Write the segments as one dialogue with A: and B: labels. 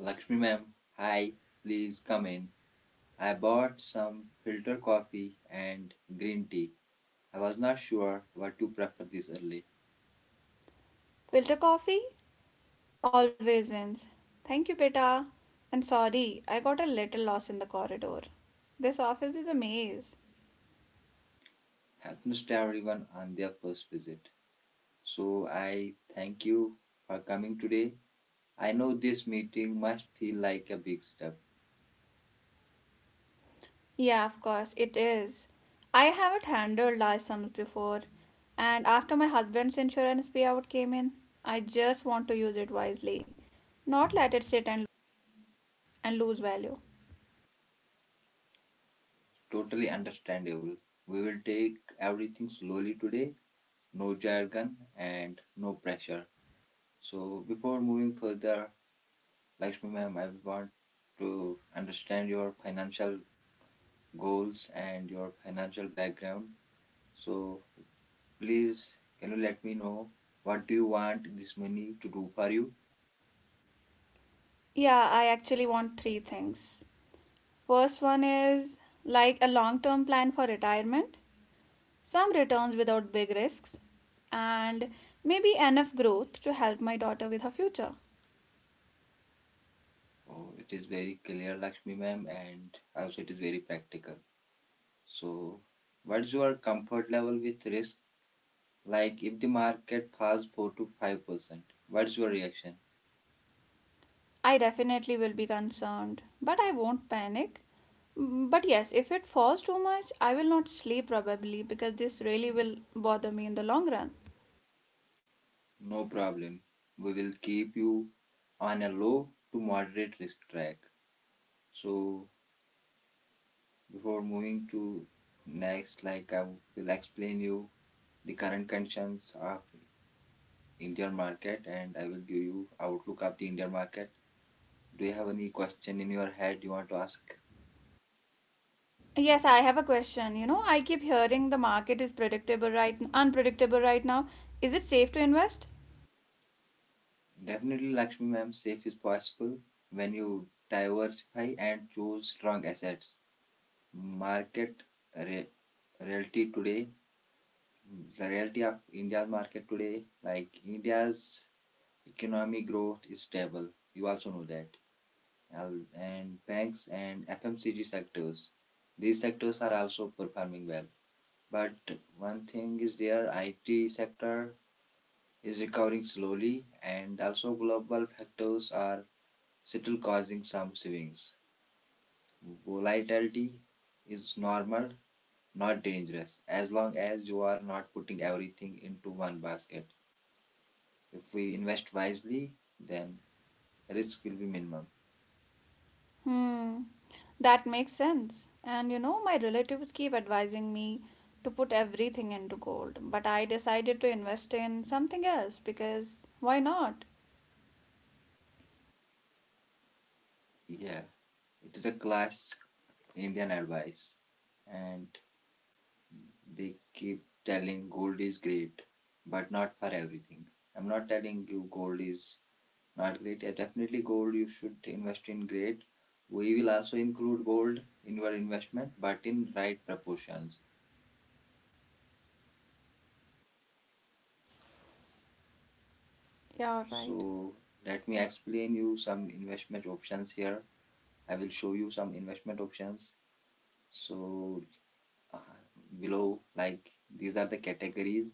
A: Lakshmi ma'am, hi, please come in. I bought some filter coffee and green tea. I was not sure what to prefer this early.
B: Filter coffee always wins. Thank you, beta. And sorry, I got a little lost in the corridor. This office is a maze.
A: Happens to everyone on their first visit. So I thank you for coming today. I know this meeting must feel like a big step.
B: Yeah, of course, it is. I haven't handled large sums before, and after my husband's insurance payout came in, I just want to use it wisely, not let it sit and lose value.
A: Totally understandable. We will take everything slowly today. No jargon and no pressure. So before moving further, Lakshmi ma'am, I want to understand your financial goals and your financial background. So please, can you let me know what do you want this money to do for you?
B: Yeah, I actually want three things. First one is like a long term plan for retirement, some returns without big risks, and maybe enough growth to help my daughter with her future.
A: Oh, it is very clear, Lakshmi ma'am, and also it is very practical. So, what's your comfort level with risk? Like if the market falls 4 to 5%, what's your reaction?
B: I definitely will be concerned, but I won't panic. But yes, if it falls too much, I will not sleep probably because this really will bother me in the long run.
A: No problem. We will keep you on a low to moderate risk track. So before moving to next, like I will explain you the current conditions of Indian market and I will give you outlook of the Indian market. Do you have any question in your head you want to ask?
B: Yes, I have a question. You know, I keep hearing the market is predictable right unpredictable right now. Is it safe to invest?
A: Definitely, Lakshmi ma'am, safe is possible when you diversify and choose strong assets. Market re- reality today, the reality of India's market today, like India's economic growth is stable. You also know that. And banks and FMCG sectors. These sectors are also performing well. But one thing is their IT sector is recovering slowly and also global factors are still causing some swings. Volatility is normal, not dangerous, as long as you are not putting everything into one basket. If we invest wisely, then risk will be minimum.
B: Hmm. That makes sense. And you know, my relatives keep advising me to put everything into gold, but I decided to invest in something else because why not?
A: Yeah, it is a class Indian advice, and they keep telling gold is great, but not for everything. I'm not telling you gold is not great. Yeah, definitely, gold you should invest in great. We will also include gold in your investment, but in right proportions.
B: Yeah, all right.
A: So let me explain you some investment options here. I will show you some investment options. So uh, below, like these are the categories.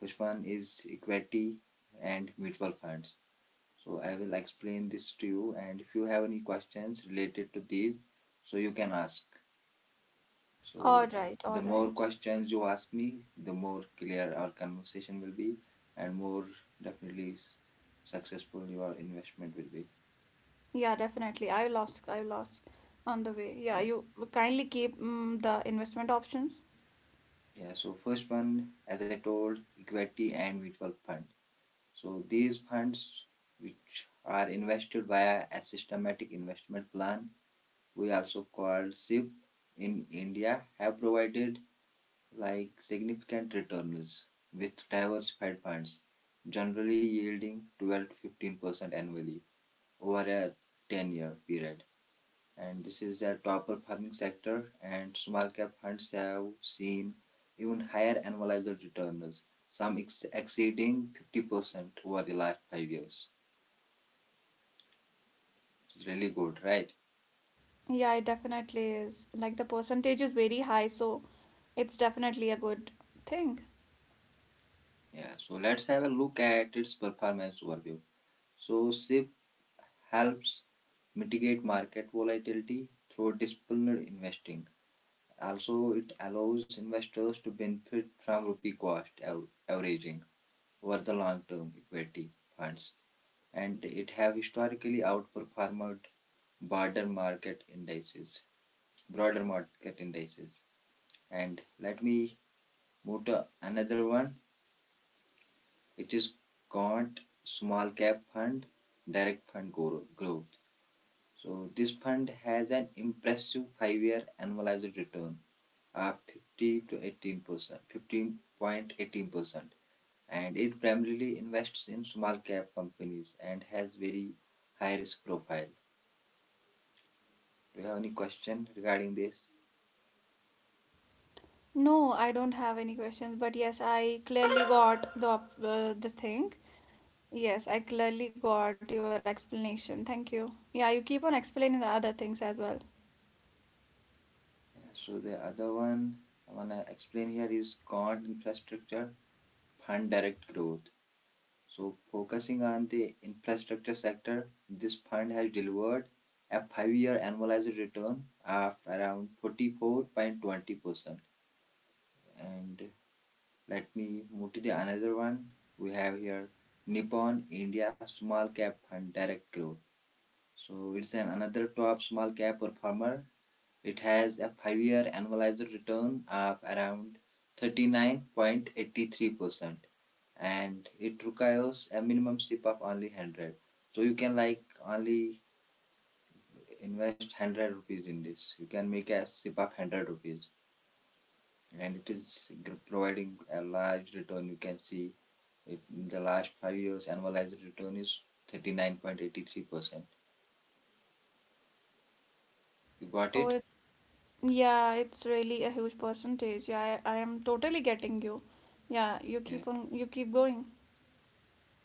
A: First one is equity and mutual funds. So I will explain this to you, and if you have any questions related to these, so you can ask.
B: All
A: So
B: right, all
A: the more
B: right.
A: questions you ask me, the more clear our conversation will be, and more definitely successful your investment will be.
B: Yeah, definitely. I lost on the way. Yeah,
A: Yeah,
B: you kindly keep the investment options.
A: yeah. So first one, as I told, equity and mutual fund. So these funds which are invested via a systematic investment plan we also called SIP in India, have provided like significant returns with diversified funds, generally yielding 12 to 15% annually over a 10-year period. And this is the top performing sector, and small cap funds have seen even higher annualized returns, some exceeding 50% over the last 5 years. It's really good, right?
B: Yeah, it definitely is. Like the percentage is very high, so it's definitely a good thing.
A: Yeah, so let's have a look at its performance overview. So SIP helps mitigate market volatility through disciplined investing. Also, it allows investors to benefit from rupee cost averaging over the long term equity funds, and it have historically outperformed broader market indices, broader market indices. And let me move to another one. It is quant small cap fund, direct fund growth. So this fund has an impressive five-year annualized return of 50 to 18%, 15.18%, and it primarily invests in small cap companies and has very high risk profile. Do you have any question regarding this?
B: No, I don't have any questions, but yes, I clearly got the the thing. Yes, I clearly got your explanation. Thank you. Yeah, you keep on explaining the other things as well.
A: Yeah, so the other one I wanna explain here is Quant Infrastructure Fund Direct Growth. So, focusing on the infrastructure sector, this fund has delivered a five-year annualized return of around 44.20%. And let me move to the another one. We have here Nippon India Small Cap Fund Direct Growth. So, it's an another top small cap performer it has a 5 year annualized return of around 39.83% and it requires a minimum SIP of only 100. So you can like only invest 100 rupees in this. You can make a step of 100 rupees and it is providing a large return. You can see it in the last 5 years annualized return is 39.83%. You got
B: Oh,
A: it?
B: it's, yeah, it's really a huge percentage. Yeah, I am totally getting you. Yeah, you
A: Yeah.
B: keep on, you keep going.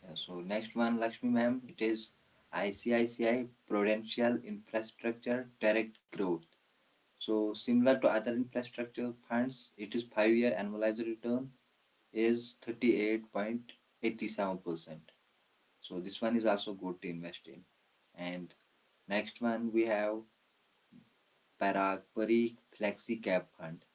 A: Yeah, so next one, Lakshmi ma'am, it is ICICI Prudential Infrastructure Direct Growth. So similar to other infrastructure funds, it is five-year annualized return is 38.87%. So this one is also good to invest in. And next one we have Parag Parikh Flexi Cap Fund.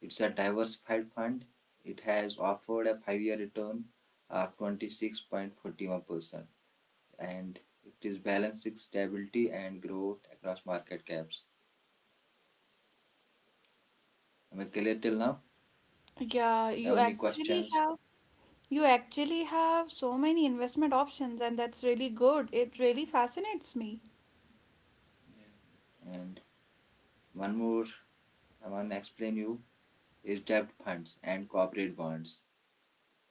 A: It's a diversified fund. It has offered a five-year return of 26.41%. And it is balancing stability and growth across market caps. Am I clear till now?
B: Yeah,
A: Have any questions?
B: you actually have so many investment options and that's really good. It really fascinates me.
A: Yeah. And one more I want to explain you is debt funds and corporate bonds.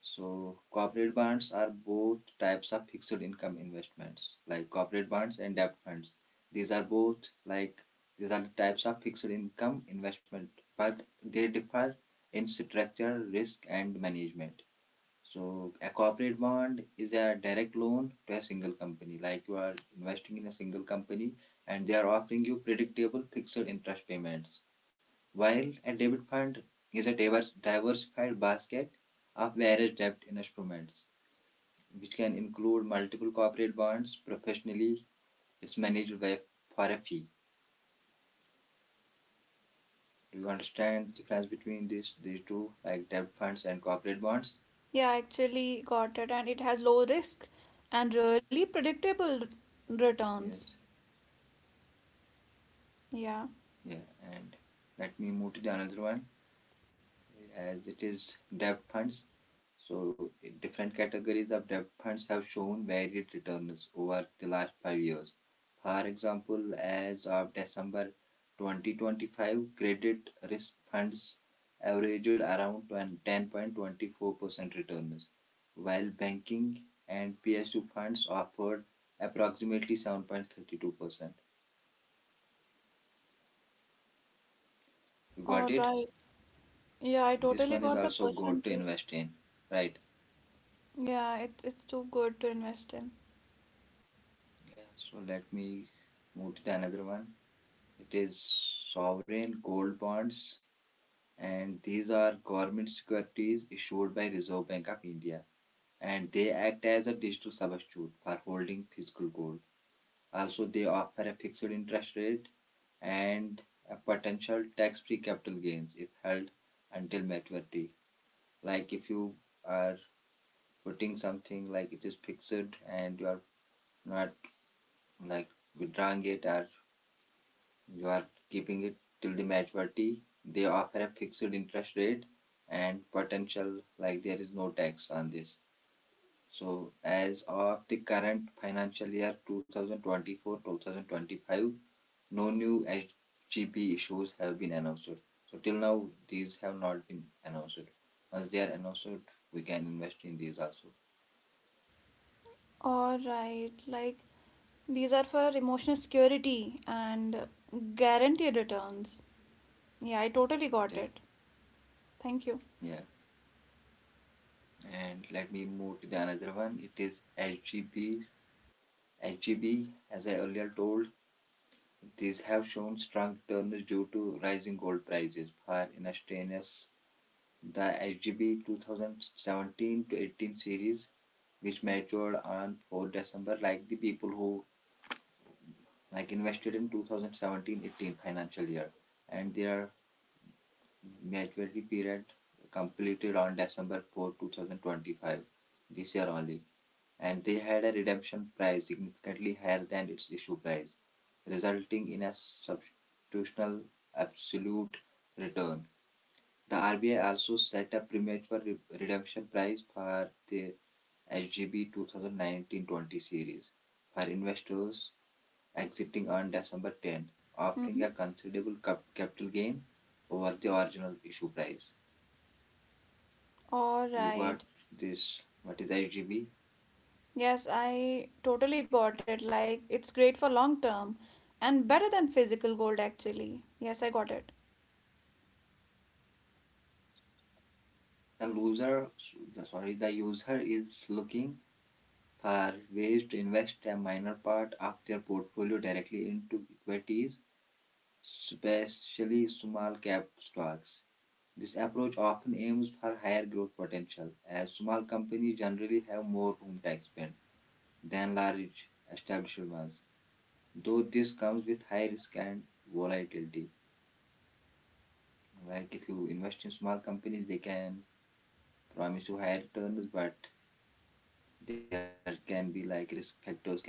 A: So corporate bonds are both types of fixed income investments like corporate bonds and debt funds. These are both like these are the types of fixed income investment but they differ in structure, risk and management. So a corporate bond is a direct loan to a single company. Like you are investing in a single company and they are offering you predictable fixed interest payments. While a debit fund is a diversified basket of various debt instruments, which can include multiple corporate bonds. Professionally, it's managed by, for a fee. Do you understand the difference between these two, like debt funds and corporate bonds?
B: Yeah, I actually got it and it has low risk and really predictable returns.
A: Yes.
B: Yeah.
A: Yeah. And let me move to the another one. As it is debt funds. So different categories of debt funds have shown varied returns over the last 5 years. For example, as of December 2025, credit risk funds averaged around 10.24% returns, while banking and PSU funds offered approximately 7.32%. You
B: All
A: got it?
B: right. Yeah, I
A: And this
B: totally
A: one is
B: got the
A: also good to
B: percentage.
A: invest in, right?
B: Yeah, it's too good to invest in.
A: Yeah, so let me move to the another one. It is sovereign gold bonds, and these are government securities issued by Reserve Bank of India, and they act as a digital substitute for holding physical gold. Also, they offer a fixed interest rate and a potential tax-free capital gains if held until maturity. Like if you are putting something like it is fixed and you are not like withdrawing it or you are keeping it till the maturity. They offer a fixed interest rate and potential like there is no tax on this. So as of the current financial year 2024-2025, no new HGP issues have been announced. So till now these have not been announced. Once they are announced, we can invest in these also.
B: All right, like these are for emotional security and guaranteed returns. Yeah, I totally got
A: Def-
B: it. Thank you.
A: Yeah. And let me move to the another one. It is HGPs. As I earlier told, these have shown strong returns due to rising gold prices. For instance, the HGB 2017-18 to 18 series, which matured on 4 December, like the people who like invested in 2017-18 financial year, and their maturity period completed on December 4, 2025, this year only, and they had a redemption price significantly higher than its issue price, resulting in a substitutional absolute return. The RBI also set a premature redemption price for the HGB 2019-20 series for investors exiting on December 10, offering a
B: Mhm.
A: considerable capital gain over the original issue price.
B: All
A: You got
B: right.
A: this, what is HGB?
B: Yes, I totally got it. Like it's great for long term and better than physical gold actually. Yes, I got it.
A: The loser, sorry, the user is looking for ways to invest a minor part of their portfolio directly into equities, especially small cap stocks. This approach often aims for higher growth potential, as small companies generally have more room to expand than large established ones. Though this comes with high risk and volatility. Like if you invest in small companies, they can promise you high returns, but there can be like risk factors can be more.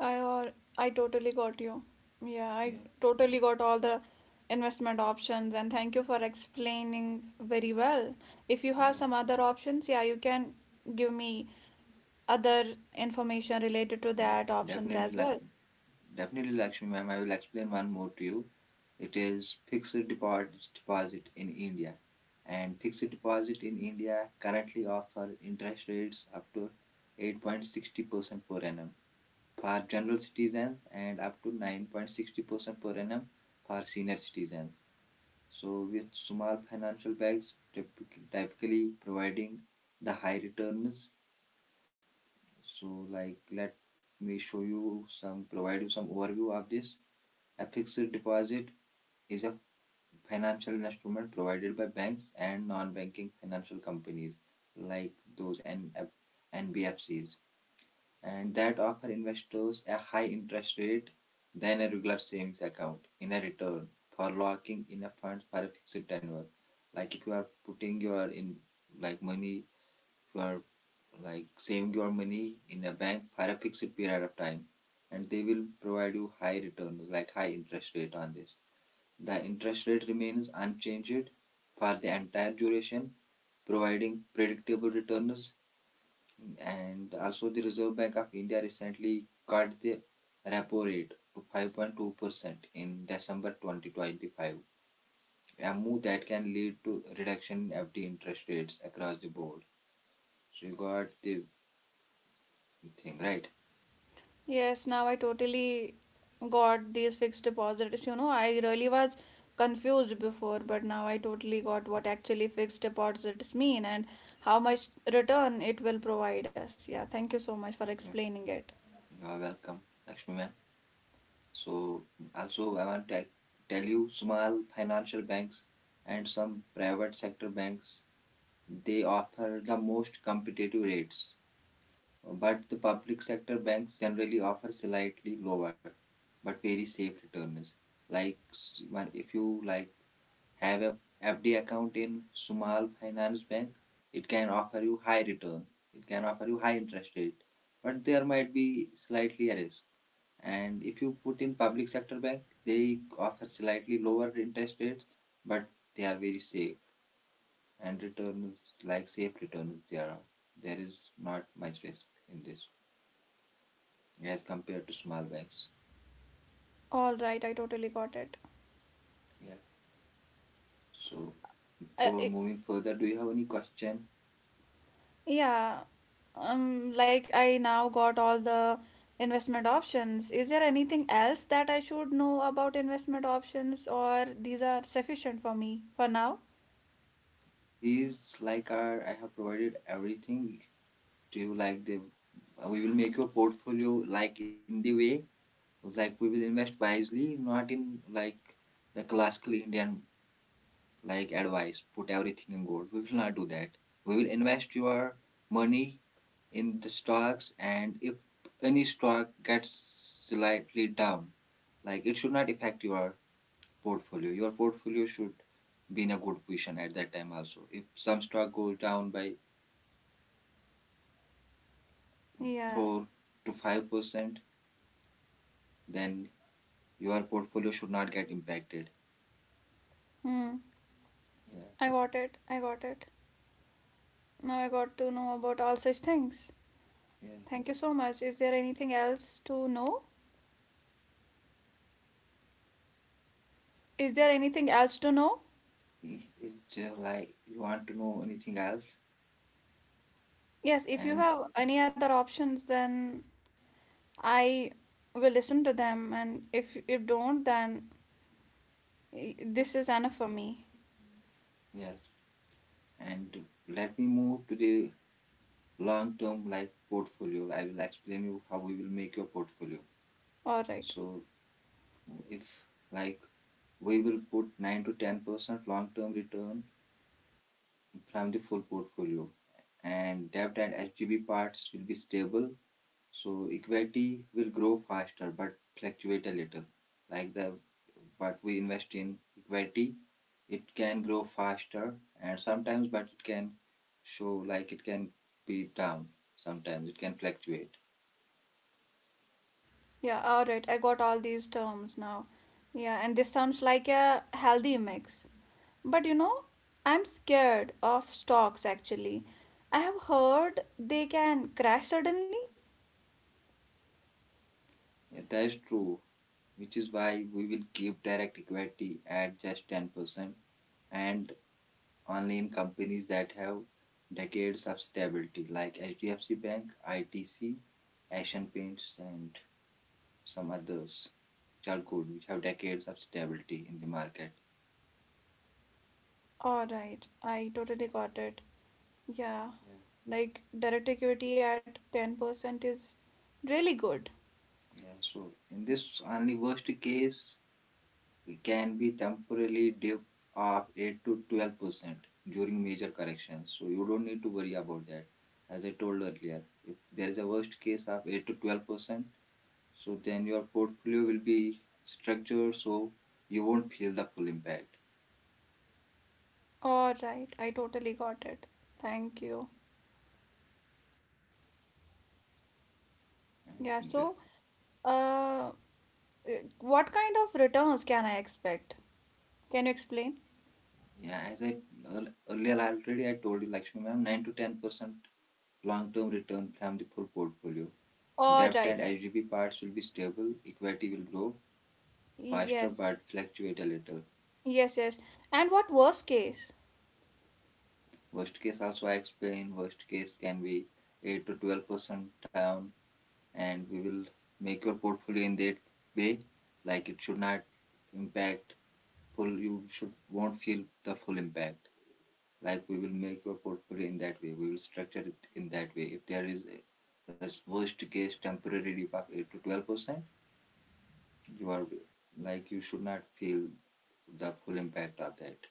B: I or I totally got you. Yeah,
A: Yeah,
B: I totally got all the investment options and thank you for explaining very well. If you have
A: yeah,
B: some other options, yeah, you can give me other information related to
A: yeah.
B: that options
A: Definitely,
B: as well.
A: Lakshmi. Definitely, Lakshmi, ma'am. I will explain one more to you. It is fixed deposit in India, and fixed deposit in India currently offer interest rates up to 8.60% per annum for general citizens and up to 9.60% per annum for senior citizens. So, with small financial banks typically providing the high returns. So, like, let me show you some provide you some overview of this. A fixed deposit is a financial instrument provided by banks and non-banking financial companies like those NBFCs. And that offer investors a high interest rate than a regular savings account in a return for locking in a fund for a fixed tenure. Like if you are putting your in like money, if you are like saving your money in a bank for a fixed period of time, and they will provide you high returns like high interest rate on this. The interest rate remains unchanged for the entire duration, providing predictable returns and also, the Reserve Bank of India recently cut the repo rate to 5.2% in December 2025, a move that can lead to reduction in FD interest rates across the board. So, you got the thing right.
B: Yes, now I totally got these fixed deposits. You know, I really was confused before, but now I totally got what actually fixed deposits mean and how much return it will provide us. Yeah, thank you so much for
A: Yeah.
B: explaining it.
A: You are welcome, Lakshmi ma'am. So, also, I want to tell you small financial banks and some private sector banks they offer the most competitive rates, but the public sector banks generally offer slightly lower but very safe returns. Like if you like have a FD account in small finance bank, it can offer you high return. It can offer you high interest rate, but there might be slightly a risk. And if you put in public sector bank, they offer slightly lower interest rates, but they are very safe and returns like safe returns. There is not much risk in this as compared to small bags.
B: All right, I totally got it.
A: Yeah. So
B: Uh,
A: for
B: i
A: moving further, do you have any question?
B: yeah, like I now got all the investment options. Is there anything else that I should know about investment options, or these are sufficient for me for now?
A: These like are I have provided everything. Do you like the? We will make your portfolio like in the way, like we will invest wisely, not in like the classical Indian like advice. Put everything in gold. We will not do that. We will invest your money in the stocks, and if any stock gets slightly down, like it should not affect your portfolio. Your portfolio should be in a good position at that time also. If some stock goes down by
B: Yeah.
A: 4 to 5%, then your portfolio should not get impacted.
B: Hmm.
A: Yeah,
B: I got it. I got it. Now I got to know about all such things.
A: yeah.
B: Thank you so much. Is there anything else to know? Is there anything else to know?
A: It's Like you want to know anything else?
B: Yes, if you
A: And
B: have any other options, then I will listen to them, and if you don't, then this is enough for me.
A: yes, and let me move to the long term like portfolio. I will explain you how we will make your portfolio.
B: All right.
A: So if like we will put 9 to 10% long term return from the full portfolio. And debt and HDB parts will be stable, so equity will grow faster but fluctuate a little. Like the what we invest in equity, it can grow faster and sometimes, but it can show like it can be down sometimes, it can fluctuate.
B: Yeah, all right. I got all these terms now. Yeah, and this sounds like a healthy mix. But you know, I'm scared of stocks actually. I have heard they can crash suddenly.
A: Yeah, that's true, which is why we will keep direct equity at just 10% and only in companies that have decades of stability, like HDFC Bank, ITC, Asian Paints, and some others, which are good, which have decades of stability in the market.
B: All right. I totally got it. Yeah.
A: Yeah,
B: Like direct equity at 10% is really good.
A: Yeah. So in this only worst case, it can be temporarily dip of 8 to 12 percent during major corrections. So you don't need to worry about that. As I told earlier, if there is a worst case of 8 to 12 percent, so then your portfolio will be structured so you won't feel the full impact.
B: All right. I totally got it. Thank you. Yeah,
A: And
B: so uh, what kind of returns can I expect? Can you explain?
A: Yeah, as I earlier already I told you, Lakshmi ma'am, 9 to 10% long-term return from the full portfolio.
B: All
A: Debt and
B: right.
A: HDB parts will be stable. Equity will grow faster
B: Yes.
A: but fluctuate a little.
B: Yes, yes. And what worst case?
A: Worst case also I explain. Worst case can be 8 to 12% down, and we will make your portfolio in that way. Like it should not impact full, you should won't feel the full impact, like we will make your portfolio in that way, we will structure it in that way. If there is a the worst case temporary dip of 8 to 12 percent, you are like you should not feel the full impact of that.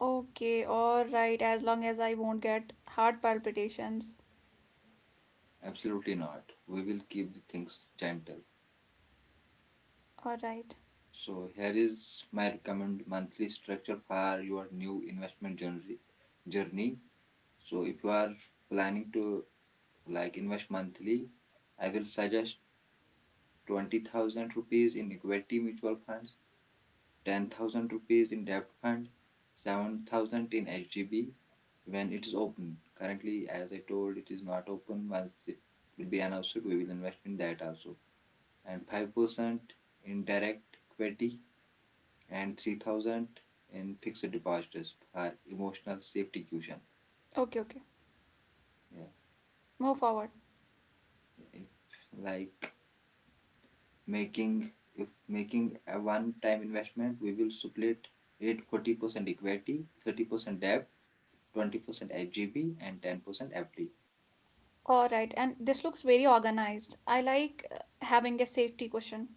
B: Okay, all right. As long as I won't get heart palpitations.
A: Absolutely not, we will keep the things gentle.
B: All right.
A: So here is my recommend monthly structure for your new investment journey. So if you are planning to like invest monthly, I will suggest 20,000 rupees in equity mutual funds, 10,000 rupees in debt fund, 7,000 in HDB when it is open. Currently, as I told, it is not open. Once it will be announced, we will invest in that also. And 5% in direct equity and 3,000 in fixed deposits for emotional safety cushion.
B: Okay, okay.
A: Yeah,
B: Move forward.
A: if like making if making a one-time investment, we will split it 40% equity, 30% debt, 20% SGB, and 10% FD.
B: All right. And this looks very organized. I like having a safety cushion.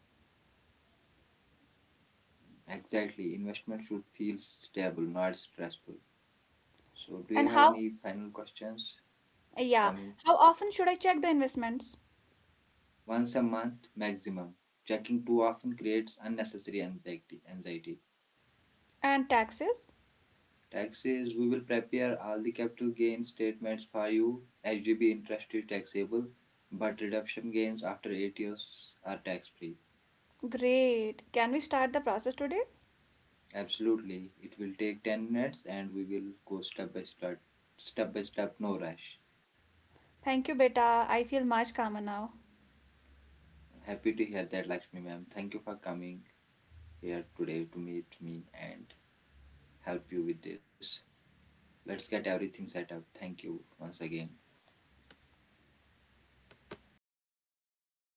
A: Exactly, investment should feel stable, not stressful. So, do you
B: And
A: have
B: how,
A: any final questions for
B: yeah,
A: me?
B: how often should I check the investments
A: Once a month maximum. Checking too often creates unnecessary anxiety.
B: and taxes?
A: Taxes, we will prepare all the capital gain statements for you. HDB interest is taxable, but redemption gains after 8 years are tax free.
B: Great. Can we start the process today?
A: Absolutely. It will take 10 minutes and we will go step by step, no rush.
B: Thank you, beta. I feel much calmer now.
A: Happy to hear that, Lakshmi ma'am. Thank you for coming here today to meet me and help you with this. Let's get everything set up. Thank you once again.